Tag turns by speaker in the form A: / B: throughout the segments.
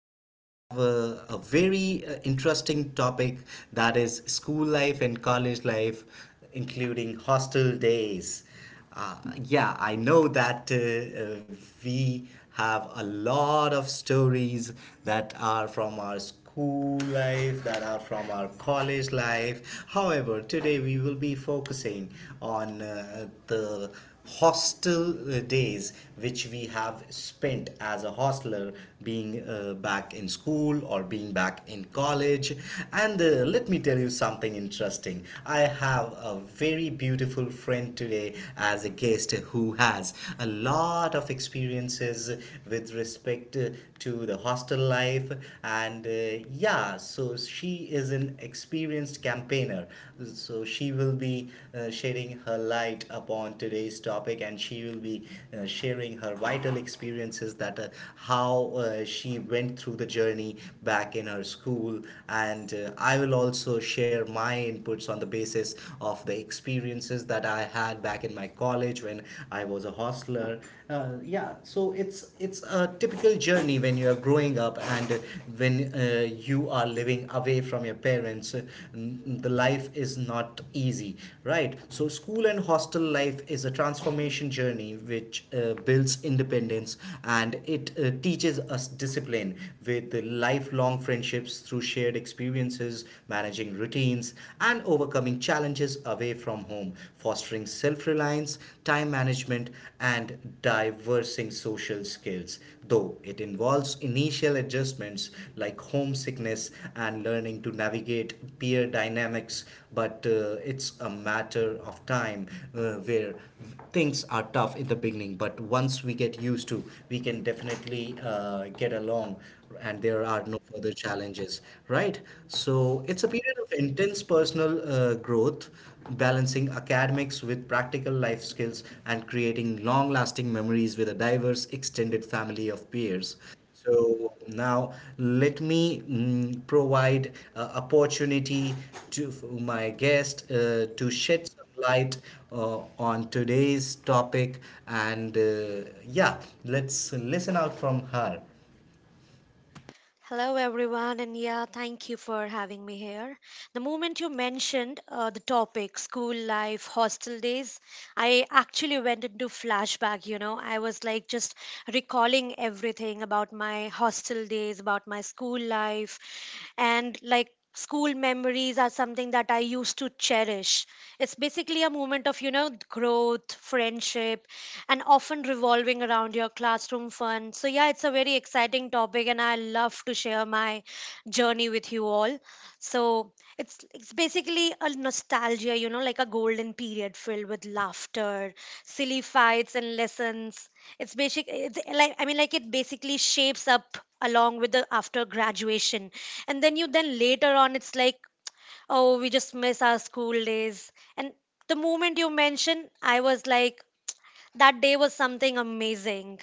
A: we have a very interesting topic, that is school life and college life, including hostel days. Uh, yeah, I know that we have a lot of stories that are from our school life, that are from our college life. However, today we will be focusing on the hostel days which we have spent as a hostler, being back in school or being back in college. And Let me tell you something interesting. I have a very beautiful friend today as a guest, who has a lot of experiences with respect to the hostel life. And uh, yeah so she is an experienced campaigner, so she will be sharing her light upon today's topic, and she will be sharing her vital experiences, that how she went through the journey back in her school. And I will also share my inputs on the basis of the experiences that I had back in my college when I was a hostler. So it's a typical journey when you are growing up and when you are living away from your parents. The life is not easy, right? So school and hostel life is a transformation journey, which builds independence, and it teaches us discipline with the lifelong friendships through shared experiences, managing routines, and overcoming challenges away from home, fostering self reliance, time management, and diversing social skills. Though it involves initial adjustments like homesickness and learning to navigate peer dynamics, but it's a matter of time where things are tough in the beginning, but once we get used to, we can definitely get along, and there are no further challenges, right? So it's a period of intense personal growth, balancing academics with practical life skills and creating long lasting memories with a diverse extended family of peers. So now let me provide opportunity to for my guest to shed some light on today's topic. And yeah let's listen out from her.
B: Hello, everyone, and yeah, thank you for having me here. The moment you mentioned the topic, school life, hostel days, I actually went into flashback. You know, I was like just recalling everything about my hostel days, about my school life, and like school memories are something that I used to cherish. It's basically a moment of growth, friendship, and often revolving around your classroom fun. So, yeah, it's a very exciting topic, and I love to share my journey with you all. So, it's basically a nostalgia, like a golden period filled with laughter, silly fights, and lessons. It's basic. It's like, I mean, like it basically shapes up along with the after graduation, and then you then later on, it's like, oh, we just miss our school days, and the moment you mention, I was like that day was something amazing.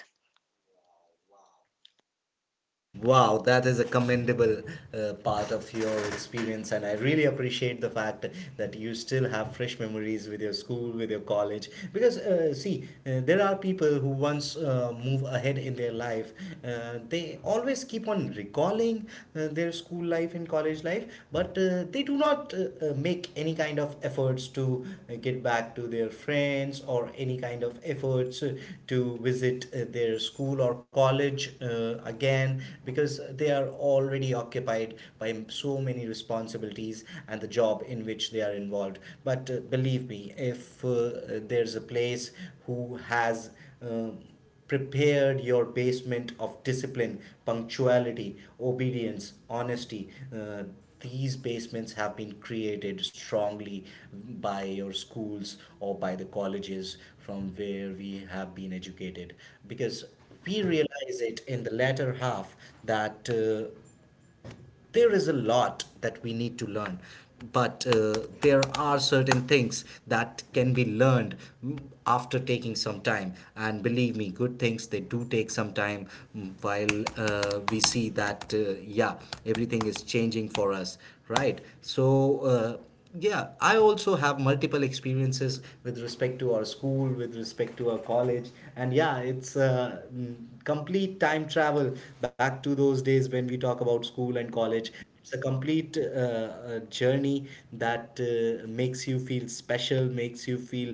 A: Wow, that is a commendable part of your experience, and I really appreciate the fact that you still have fresh memories with your school, with your college. Because, see, there are people who once move ahead in their life, they always keep on recalling their school life and college life, but they do not make any kind of efforts to get back to their friends, or any kind of efforts to visit their school or college again, because they are already occupied by so many responsibilities and the job in which they are involved. But believe me, if there's a place who has prepared your basement of discipline, punctuality, obedience, honesty. Uh, these basements have been created strongly by your schools or by the colleges from where we have been educated, because we realize it in the latter half, that there is a lot that we need to learn, but there are certain things that can be learned mm, after taking some time, and believe me, good things, they do take some time, while we see that yeah, everything is changing for us, right? So yeah, I also have multiple experiences with respect to our school, with respect to our college, and yeah, it's complete time travel back to those days. When we talk about school and college, it's a complete journey that makes you feel special, makes you feel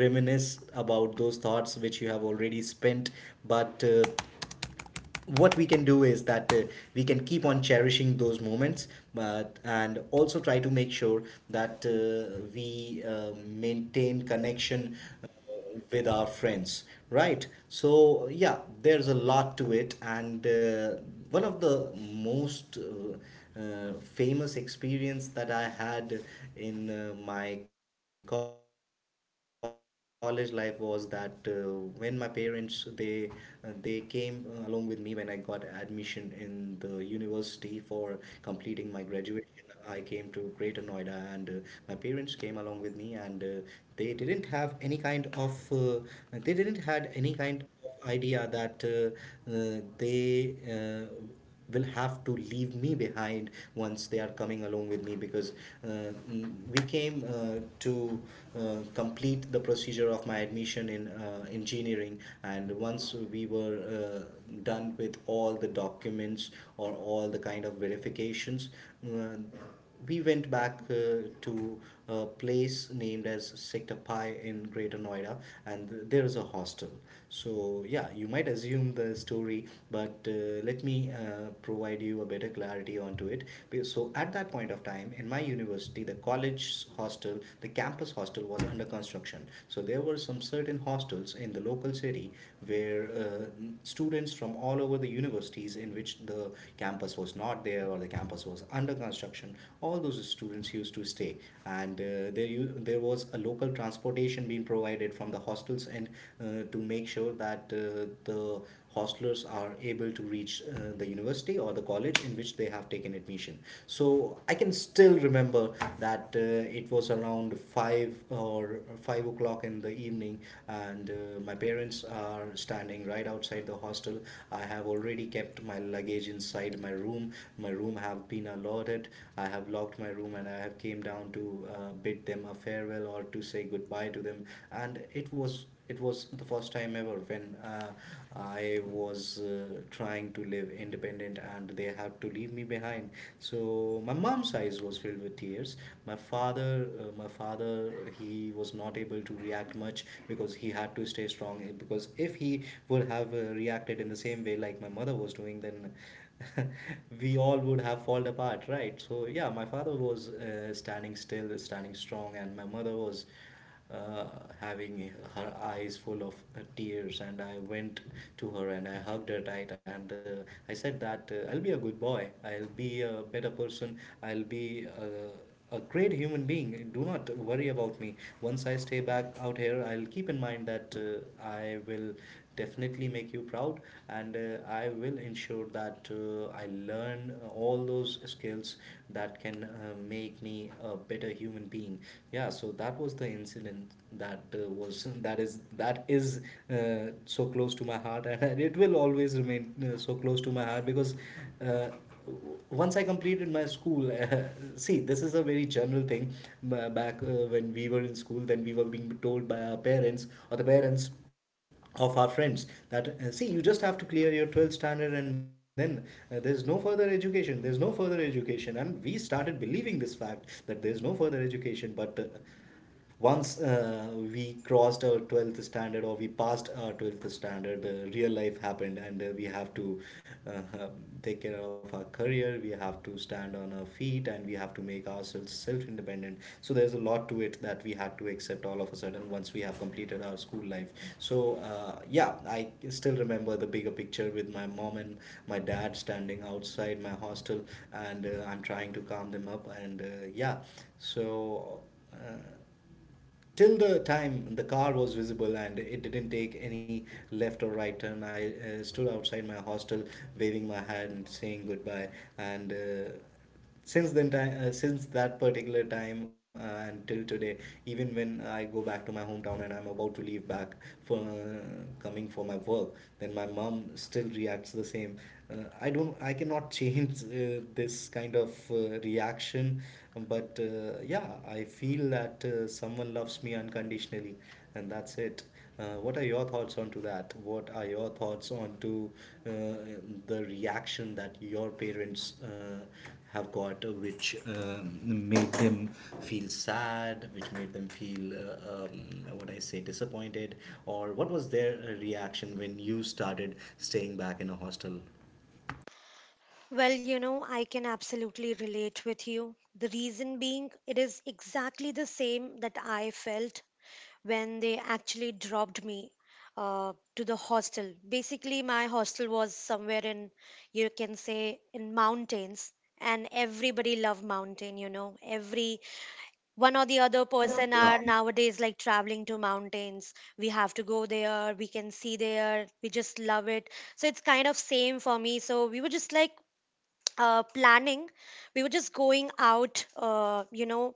A: reminisce about those thoughts which you have already spent. But what we can do is that we can keep on cherishing those moments. But and also try to make sure that we maintain connection uh, with our friends, right? So yeah, there's a lot to it. And One of the most famous experience that I had in my college life was that when my parents, they came along with me when I got admission in the university for completing my graduation. I came to Greater Noida, and my parents came along with me, and they didn't have any kind of they didn't had any kind of idea that they will have to leave me behind once they are coming along with me. Because we came to complete the procedure of my admission in engineering, and once we were done with all the documents or all the kind of verifications, uh, we went back to a place named as Sector Pi in Greater Noida, and there is a hostel. So yeah, you might assume the story, but let me provide you a better clarity onto it. So, at that point of time, in my university, the college hostel, the campus hostel was under construction. So there were some certain hostels in the local city where students from all over the universities in which the campus was not there or the campus was under construction, all those students used to stay. And there was a local transportation being provided from the hostels, and to make sure that the hostlers are able to reach the university or the college in which they have taken admission. So I can still remember that it was around five o'clock in the evening, and my parents are standing right outside the hostel. I have already kept my luggage inside my room. My room have been allotted. I have locked my room, and I have came down to bid them a farewell, or to say goodbye to them. And it was the first time ever when I was trying to live independent and they had to leave me behind. So my mom's eyes was filled with tears. My father, he was not able to react much because he had to stay strong. Because if he would have reacted in the same way like my mother was doing, then we all would have fallen apart, right? So yeah, my father was standing still, standing strong, and my mother was uh, having her eyes full of tears. And I went to her and I hugged her tight, and I said that I'll be a good boy, I'll be a better person, I'll be a great human being. Do not worry about me. Once I stay back out here, I'll keep in mind that I will definitely make you proud, and I will ensure that I learn all those skills that can make me a better human being. Yeah, so that was the incident that was that is so close to my heart, and it will always remain so close to my heart, because uh, once I completed my school, see, this is a very general thing. Back when we were in school, then we were being told by our parents, or the parents of our friends, that see, you just have to clear your 12th standard, and then there's no further education, and we started believing this fact that there's no further education. But once we crossed our 12th standard, or we passed our 12th standard, real life happened, and we have to uh, take care of our career, we have to stand on our feet, and we have to make ourselves self independent. So there's a lot to it that we had to accept all of a sudden once we have completed our school life. So yeah, I still remember the bigger picture, with my mom and my dad standing outside my hostel, and I'm trying to calm them up, and yeah so uh, till the time the car was visible and it didn't take any left or right turn, I stood outside my hostel waving my hand saying goodbye. And Since then time since that particular time, until today, even when I go back to my hometown and I'm about to leave back for coming for my work, then my mom still reacts the same. I cannot change this kind of reaction. But yeah, I feel that someone loves me unconditionally, and that's it. What are your thoughts on to that? What are your thoughts on to uh, the reaction that your parents have got, which made them feel sad, which made them feel what I say disappointed, or what was their reaction when you started staying back in a hostel?
B: Well, I can absolutely relate with you. The reason being, it is exactly the same that I felt when they actually dropped me to the hostel. Basically, my hostel was somewhere in, you can say, in mountains, and everybody loved mountain. You know, every one or the other
A: The other
B: person are nowadays like traveling to mountains. We have to go there, we can see there, we just love it. So it's kind of same for me. So we were just like planning. We were just going out,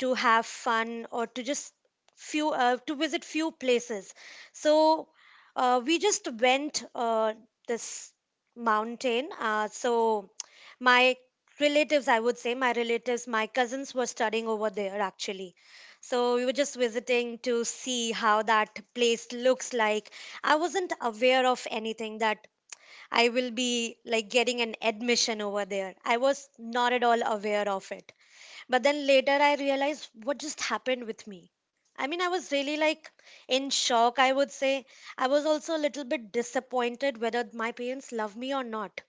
B: to have fun, or to just few to visit few places. So we just went this mountain. So my relatives, I would say, my relatives, my cousins were studying over there actually. So we were just visiting to see how that place looks like. I wasn't aware of anything that I will be like getting an admission over there. I was not at all aware of it. But then later I realized what just happened with me. I mean, I was really like in shock, I would say. I was also a little bit disappointed whether my parents love me or not.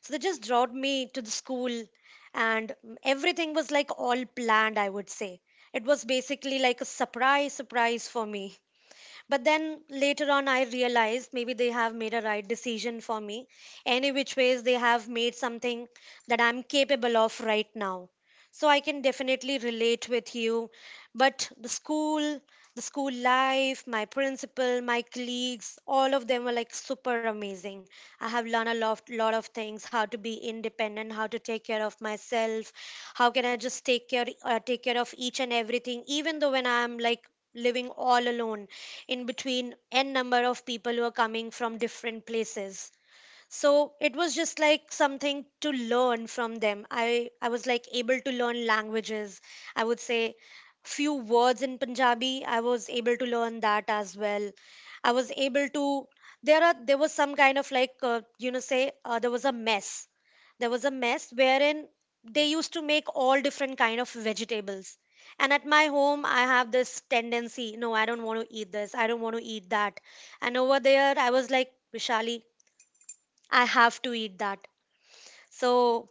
B: So they just dropped me to the school, and everything was like all planned, I would say. It was basically like a surprise, surprise for me. But then later on, I realized maybe they have made a right decision for me. Any which ways, they have made something that I'm capable of right now. So I can definitely relate with you. But the school life, my principal, my colleagues, all of them were like super amazing. I have learned a lot, lot of things: how to be independent, how to take care of myself, how can I just take care of each and everything, even though when I'm like living all alone in between n number of people who are coming from different places. So it was just like something to learn from them. I was like able to learn languages, I would say. Few words in Punjabi, I was able to learn that as well. I was able to, there was some kind of like say there was a mess wherein they used to make all different kind of vegetables. And at my home, I have this tendency, no, I don't want to eat this, I don't want to eat that. And over there, I was like, Vishali, I have to eat that. So,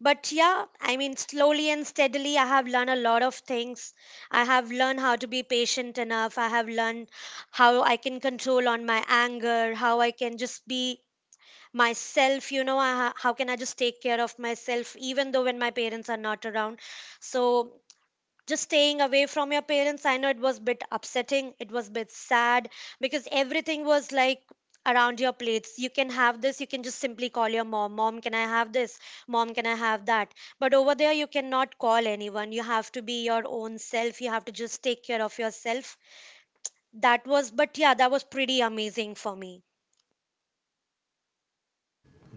B: but yeah, I mean, slowly and steadily, I have learned a lot of things. I have learned how to be patient enough. I have learned how I can control on my anger, how I can just be myself, you know, how can I just take care of myself, even though when my parents are not around. So, just staying away from your parents, I know it was a bit upsetting, it was a bit sad, because everything was like around your plates. You can have this, you can just simply call your mom, mom can I have this, mom can I have that. But over there you cannot call anyone, you have to be your own self, you have to just take care of yourself. That was, but yeah, that was pretty amazing for me.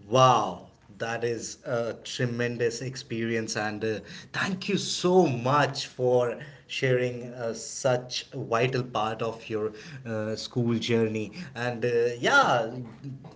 A: Wow, that is a tremendous experience, and thank you so much for sharing such a vital part of your school journey. And yeah,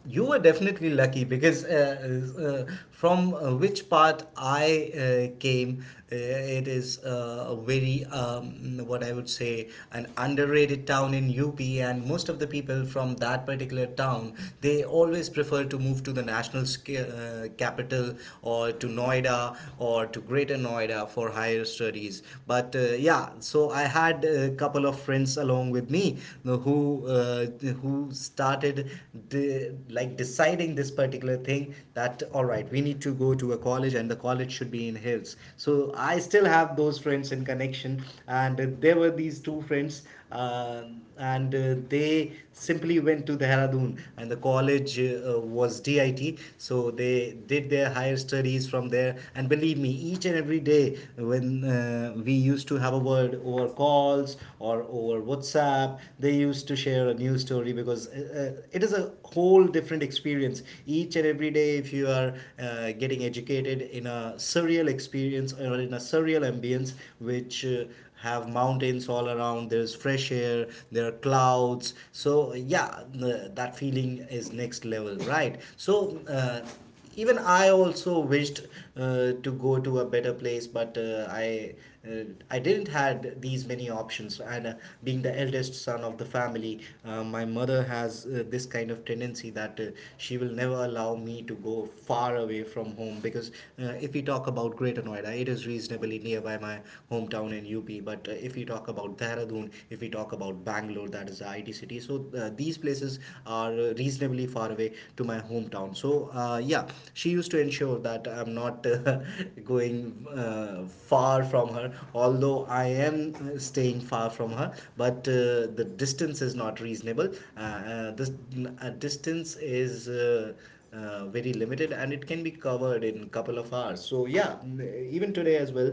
A: you were definitely lucky because from which part I came, it is a very what I would say an underrated town in UP, and most of the people from that particular town they always prefer to move to the national capital or to Noida or to Greater Noida for higher studies. But yeah, so I had a couple of friends along with me you uh, who started de- like deciding this particular thing that all right, we need to go to a college and the college should be in hills. So I still have those friends in connection, and there were these two friends. And They simply went to Dehradun, and the college was DIT. So they did their higher studies from there. And believe me, each and every day when we used to have a word over calls or over WhatsApp, they used to share a new story because it is a whole different experience. Each and every day, if you are getting educated in a surreal experience or in a surreal ambience, which have mountains all around, there's fresh air, there are clouds. So yeah, that feeling is next level, right? So even I also wished to go to a better place, but I didn't had these many options. And being the eldest son of the family, my mother has this kind of tendency that she will never allow me to go far away from home because if we talk about Greater Noida, it is reasonably nearby by my hometown in UP. But if we talk about Dehradun, if we talk about Bangalore, that is the IT city. So these places are reasonably far away to my hometown. So yeah, she used to ensure that I'm not going far from her. Although I am staying far from her, but the distance is not reasonable. This distance is. Very limited, and it can be covered in couple of hours. So yeah, even today as well,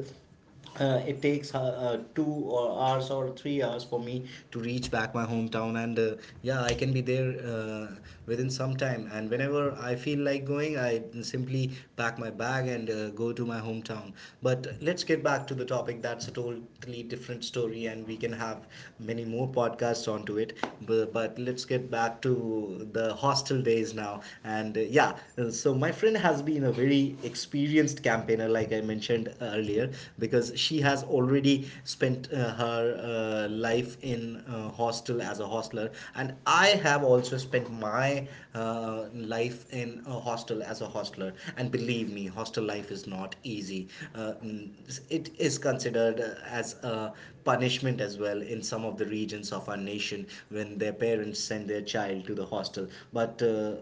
A: it takes two or hours or 3 hours for me to reach back my hometown, and yeah, I can be there within some time, and whenever I feel like going, I simply pack my bag and go to my hometown. But let's get back to the topic. That's a totally different story, and we can have many more podcasts onto it, but let's get back to the hostel days now. And so my friend has been a very experienced campaigner, like I mentioned earlier, because she has already spent her life in hostel as a hostler, and I have also spent my life in a hostel as a hostler. And believe me, hostel life is not easy. Uh, mm, it is considered as a punishment as well in some of the regions of our nation when their parents send their child to the hostel, but.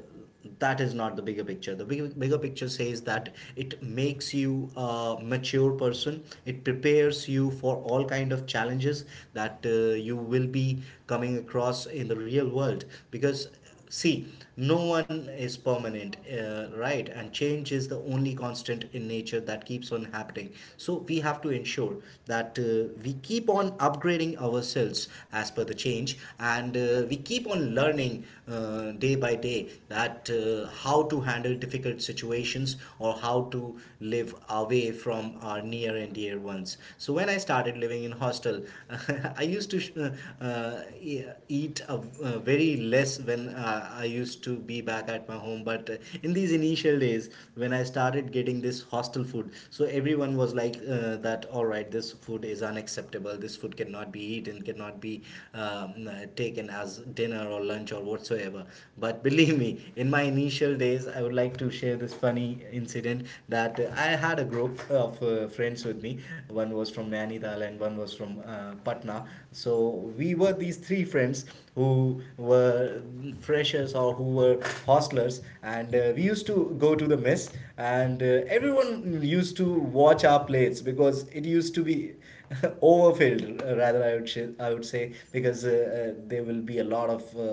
A: That is not the bigger picture. The bigger picture says that it makes you a mature person. It prepares you for all kind of challenges that you will be coming across in the real world, because see, no one is permanent, right? And change is the only constant in nature that keeps on happening. So we have to ensure that we keep on upgrading ourselves as per the change, and we keep on learning day by day that how to handle difficult situations or how to live away from our near and dear ones. So when I started living in hostel, I used to eat a, very less when I used to be back at my home. But in these initial days, when I started getting this hostel food, so everyone was like that. All right, this food is unacceptable. This food cannot be eaten, cannot be um, uh, taken as dinner or lunch or whatsoever. But believe me, in my initial days, I would like to share this funny incident that I had a group of friends with me. One was from Nainital and one was from Patna. So we were these three friends who were freshers or who were hostlers, and we used to go to the mess, and everyone used to watch our plates because it used to be overfilled, rather I would I would say, because they will be a lot of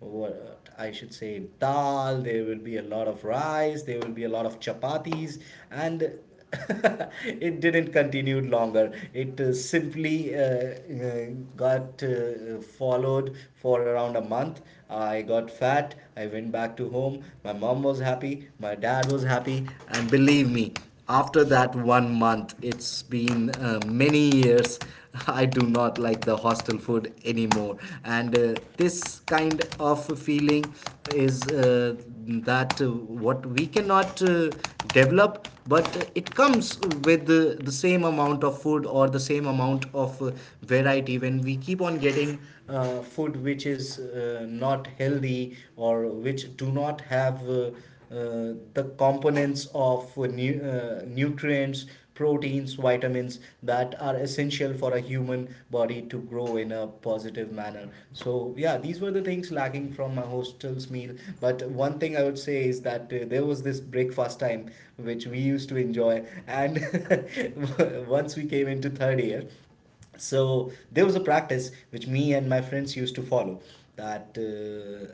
A: what I should say dal. There will be a lot of rice. There will be a lot of chapatis, and it didn't continue longer. It simply got followed for around a month. I got fat. I went back to home. My mom was happy. My dad was happy, and believe me, after that 1 month, it's been many years. I do not like the hostel food anymore, and this kind of feeling is that what we cannot develop, but it comes with the same amount of food or the same amount of variety when we keep on getting food which is not healthy or which do not have. Uh, the components of nutrients, proteins, vitamins that are essential for a human body to grow in a positive manner. So, yeah, these were the things lacking from my hostel's meal. But one thing I would say is that there was this breakfast time which we used to enjoy, and once we came into third year, so there was a practice which me and my friends used to follow, that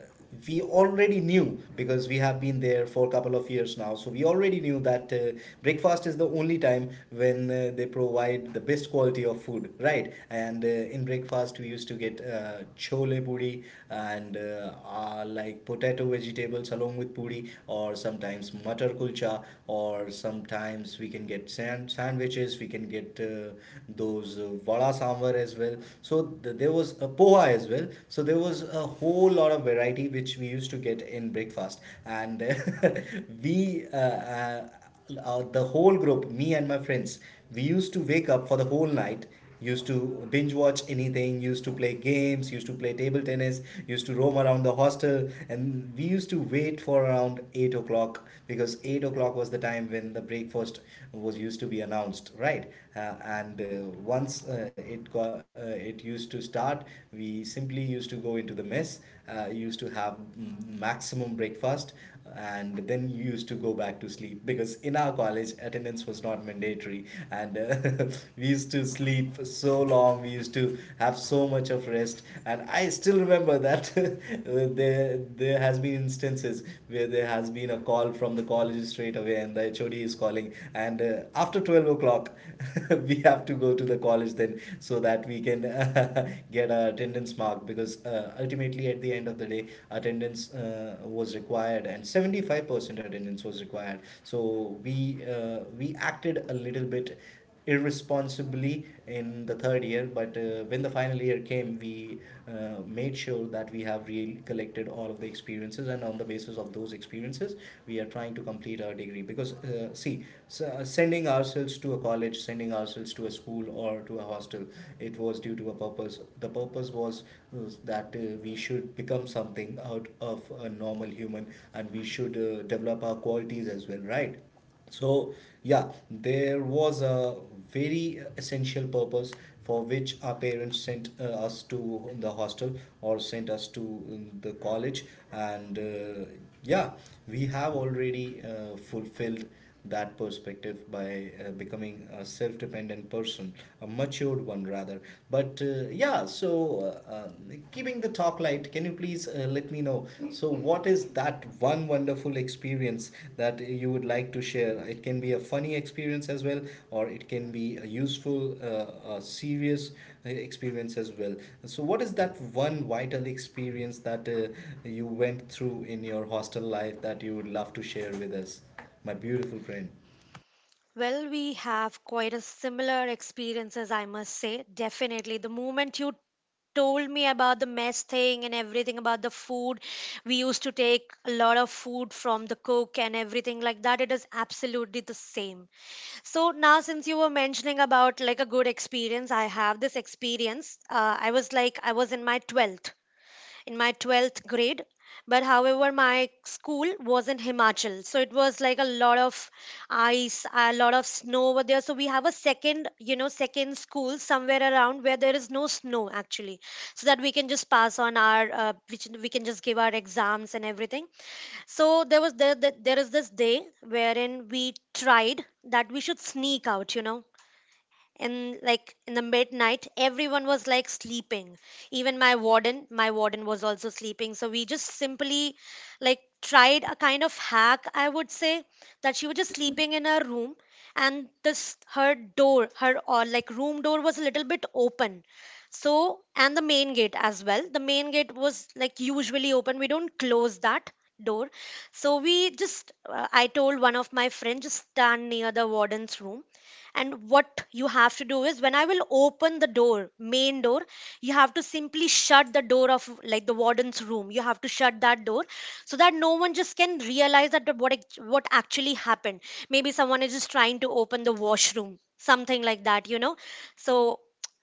A: we already knew, because we have been there for a couple of years now, so we already knew that breakfast is the only time when they provide the best quality of food, right? And in breakfast we used to get chole puri and like potato vegetables along with puri, or sometimes matar kulcha, or sometimes times we can get sandwiches, we can get those vada sambar as well. So there was a poha as well. So there was a whole lot of variety which we used to get in breakfast. And we uh, the whole group, me and my friends, we used to wake up for the whole night, used to binge watch anything, used to play games, used to play table tennis, used to roam around the hostel, and we used to wait for around 8 o'clock, because 8 o'clock was the time when the breakfast was used to be announced, right? And Once it used to start, we simply used to go into the mess, used to have maximum breakfast, and then you used to go back to sleep, because in our college attendance was not mandatory. And we used to sleep so long, we used to have so much of rest. And I still remember that there has been instances where there has been a call from the college straight away and the hod is calling, and after 12 o'clock we have to go to the college then, so that we can get our attendance mark, because ultimately at the end of the day attendance was required, and 75% attendance was required. So we acted a little bit irresponsibly in the third year. But when the final year came, we made sure that we have really collected all of the experiences, and on the basis of those experiences we are trying to complete our degree. Because see, sending ourselves to a college, sending ourselves to a school or to a hostel, it was due to a purpose. The purpose was that we should become something out of a normal human, and we should develop our qualities as well, right? So, yeah, there was a very essential purpose for which our parents sent us to the hostel or sent us to the college, and yeah, we have already fulfilled that perspective by becoming a self dependent person, a matured one rather. But keeping the talk light, can you please let me know? So, what is that one wonderful experience that you would like to share? It can be a funny experience as well, or it can be a useful, a serious experience as well. So, what is that one vital experience that you went through in your hostel life that you would love to share with us? My beautiful friend.
B: Well, we have quite a similar experiences, I must say. Definitely the moment you told me about the mess thing and everything about the food. We used to take a lot of food from the cook and everything like that. It is absolutely the same. So now, since you were mentioning about like a good experience, I have this experience. I was in my 12th grade, but however my school was in Himachal. So it was like a lot of ice, a lot of snow over there. So we have a second you know second school somewhere around where there is no snow actually. So that we can just pass on our which we can just give our exams and everything. So there was there, there there is this day wherein we tried that we should sneak out, you know, in like in the midnight. Everyone was like sleeping, even my warden was also sleeping. So we just simply like tried a kind of hack, I would say, that she was just sleeping in her room. And this her door, her or like room door was a little bit open. So and the main gate as well, the main gate was like usually open, we don't close that door. So we just I told one of my friends, just stand near the warden's room. And what you have to do is when I will open the door main door, you have to simply shut the door of like the warden's room, you have to shut that door, so that no one just can realize that what actually happened. Maybe someone is just trying to open the washroom, something like that, you know. So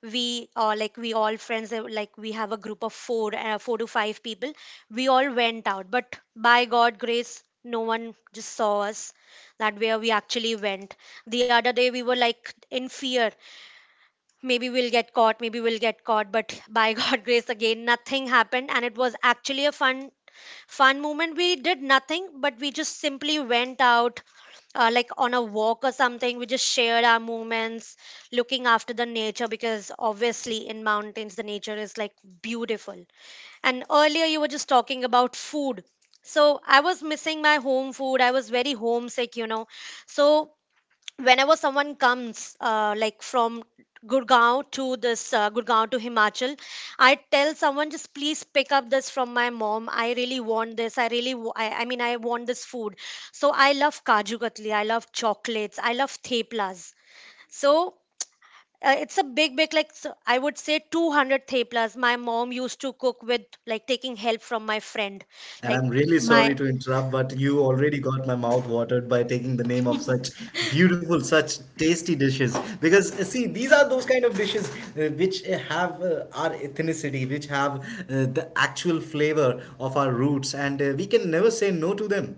B: we like we all friends like we have a group of four, four to five people. We all went out, but by god grace, no one just saw us, that where we actually went. The other day we were like in fear, maybe we'll get caught, maybe we'll get caught. But by god grace again, nothing happened. And it was actually a fun fun moment. We did nothing, but we just simply went out, like on a walk or something. We just shared our moments, looking after the nature, because obviously in mountains the nature is like beautiful. And earlier you were just talking about food, so I was missing my home food, I was very homesick, you know. So whenever someone comes like from Gurgaon to this Gurgaon to Himachal, I tell someone just please pick up this from my mom. I really want this. I mean, I want this food. So I love kaju katli. I love chocolates. I love theplas. So it's a big big like, so I would say, 200 theplas. My mom used to cook with like taking help from my friend,
A: And
B: like
A: I'm really My sorry
B: my
A: to interrupt, but you already got my mouth watered by taking the name of such beautiful, such tasty dishes. Because see, these are those kind of dishes which have our ethnicity, which have the actual flavor of our roots, and we can never say no to them.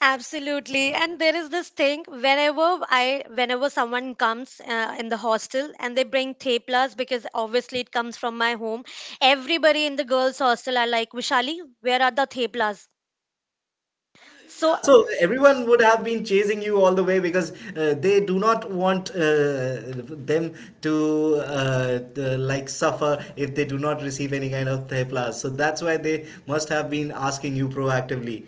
B: Absolutely. And there is this thing whenever I whenever someone comes in the hostel and they bring teplas, because obviously it comes from my home, everybody in the girls hostel are like, "Vishali, where are the teplas?" So
A: Yeah, so everyone would have been chasing you all the way because they do not want them to like suffer if they do not receive any kind of thepla. So that's why they must have been asking you proactively.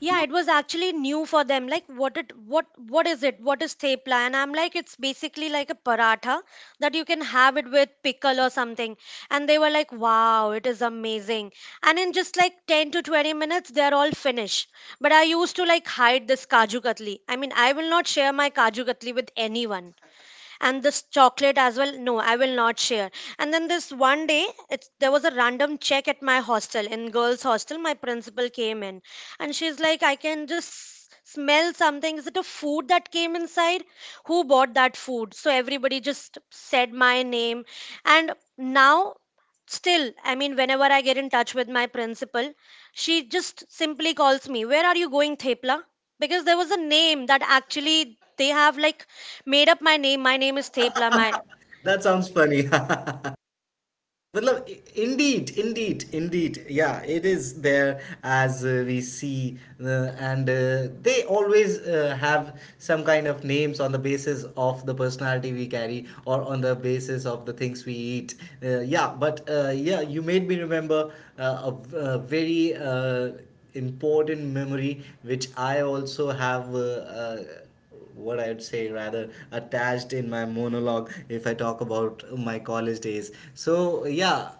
B: yeah, it was actually new for them, like what it what is it what is thepla. And I'm like, it's basically like a paratha that you can have it with pickle or something. And they were like, wow, it is amazing. And in just like 10 to 20 minutes they're all finished. But I used to like hide this kaju katli, I mean I will not share my kaju katli with anyone. And this chocolate as well, no I will not share. And then this one day there was a random check at my hostel, in girls hostel my principal came in, and she's like, I can just smell something, is it a food that came inside, who bought that food. So everybody just said my name. And now still, I mean, whenever I get in touch with my principal, she just simply calls me, where are you going thepla, because there was a name that actually they have like made up my name. My name is tepla, my
A: That sounds funny. Yeah, well, indeed. Yeah, it is there as we see, and they always have some kind of names on the basis of the personality we carry or on the basis of the things we eat. You made me remember a very important memory which I also have. What I'd say rather attached in my monologue if I talk about my college days. So yeah,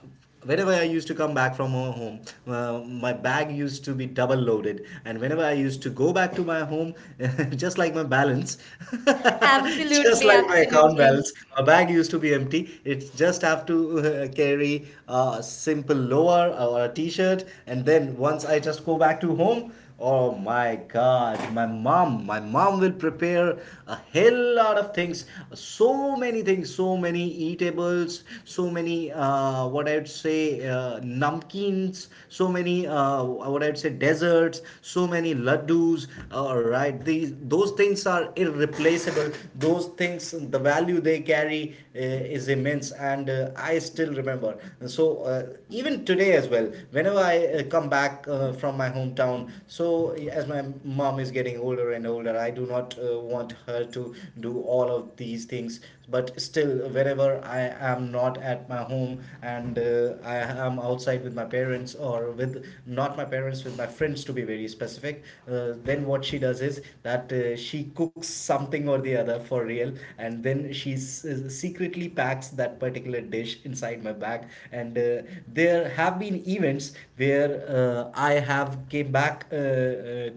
A: whenever I used to come back from home, my bag used to be double loaded, and whenever I used to go back to my home, just like my balance, just absolutely,
B: absolutely,
A: like my account absolutely.
B: absolutely.
A: Balance, my bag used to be empty. It just have to carry a simple lower or a t-shirt, and then once I just go back to home, oh my God, my mom will prepare a hell lot of things, so many eatables, so many what I'd say namkeens, so many what I'd say desserts, so many laddus. All right, these those things are irreplaceable. Those things, the value they carry is immense, and I still remember. So even today as well, whenever I come back from my hometown. So as my mom is getting older and older, I do not want her to do all of these things. But still, whenever I am not at my home and I am outside with my parents or with not my parents, with my friends to be very specific, then what she does is that she cooks something or the other for real, and then secretly packs that particular dish inside my bag and there have been events where I have came back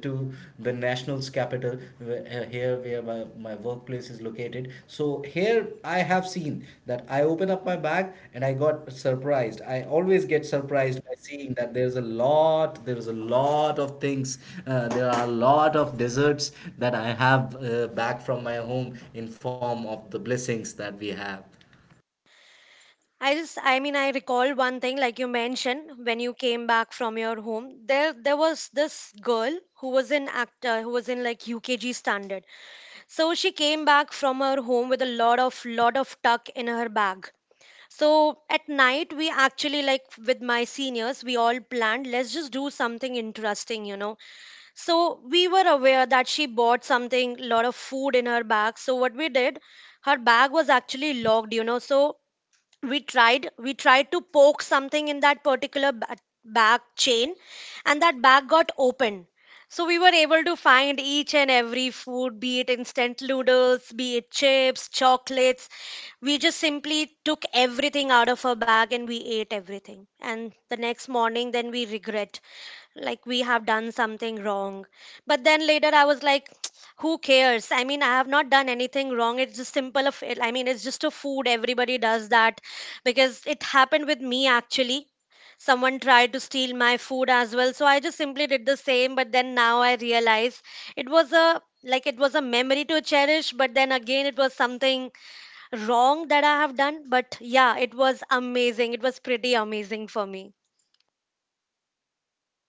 A: to the national's capital here where my workplace is located. So here I have seen that I open up my bag and I got surprised. I always get surprised by seeing that there's a lot of things, there are a lot of desserts that I have back from my home in form of the blessings that we have.
B: I mean, I recall one thing like you mentioned when you came back from your home, there was this girl who was an actor, who was in like UKG standard. So she came back from her home with a lot of tuck in her bag. So at night we actually like with my seniors we all planned, let's just do something interesting, you know. So we were aware that she bought something, lot of food in her bag. So what we did, her bag was actually locked, you know. So we tried to poke something in that particular bag chain, and that bag got open. So we were able to find each and every food, be it instant noodles, be it chips, chocolates. We just simply took everything out of her bag and we ate everything. And the next morning then we regret, like we have done something wrong. But then later I was like, who cares, I mean I have not done anything wrong, it's just simple of it, I mean it's just a food, everybody does that. Because it happened with me actually, someone tried to steal my food as well, so I just simply did the same. But then now I realize it was a memory to cherish, but then again it was something wrong that I have done. But yeah, it was amazing, it was pretty amazing for me.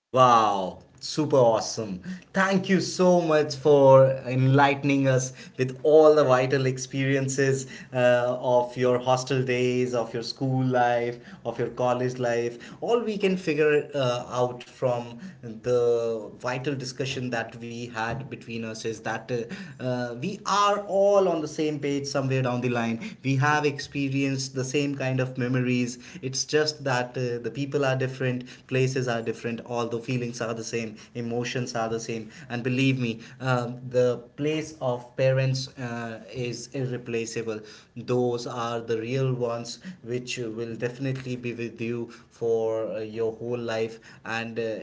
A: Wow, super awesome. Thank you so much for enlightening us with all the vital experiences of your hostel days, of your school life, of your college life. All we can figure out from the vital discussion that we had between us is that we are all on the same page somewhere down the line. We have experienced the same kind of memories degrees. It's just that the people are different, places are different, although feelings are the same, emotions are the same. And believe me, the place of parents is irreplaceable. Those are the real ones which will definitely be with you for your whole life. And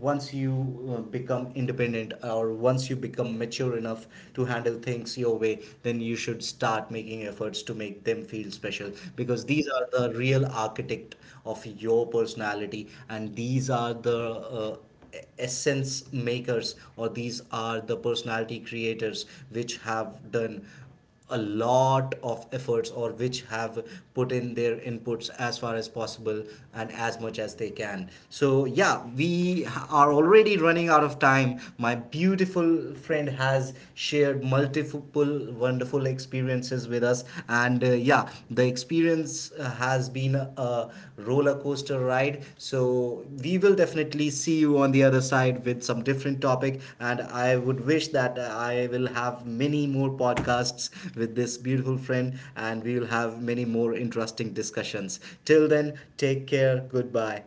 A: once you become independent or once you become mature enough to handle things your way, then you should start making efforts to make them feel special, because these are the real architect of your personality and these are the essence makers or these are the personality creators which have done a lot of efforts or which have put in their inputs as far as possible and as much as they can. So yeah, we are already running out of time. My beautiful friend has shared multiple wonderful experiences with us, and yeah, the experience seasons has been a roller coaster ride. So we will definitely see you on the other side with some different topic. And I would wish that I will have many more podcasts with this beautiful friend, and we will have many more interesting discussions. Till then, take care. Goodbye.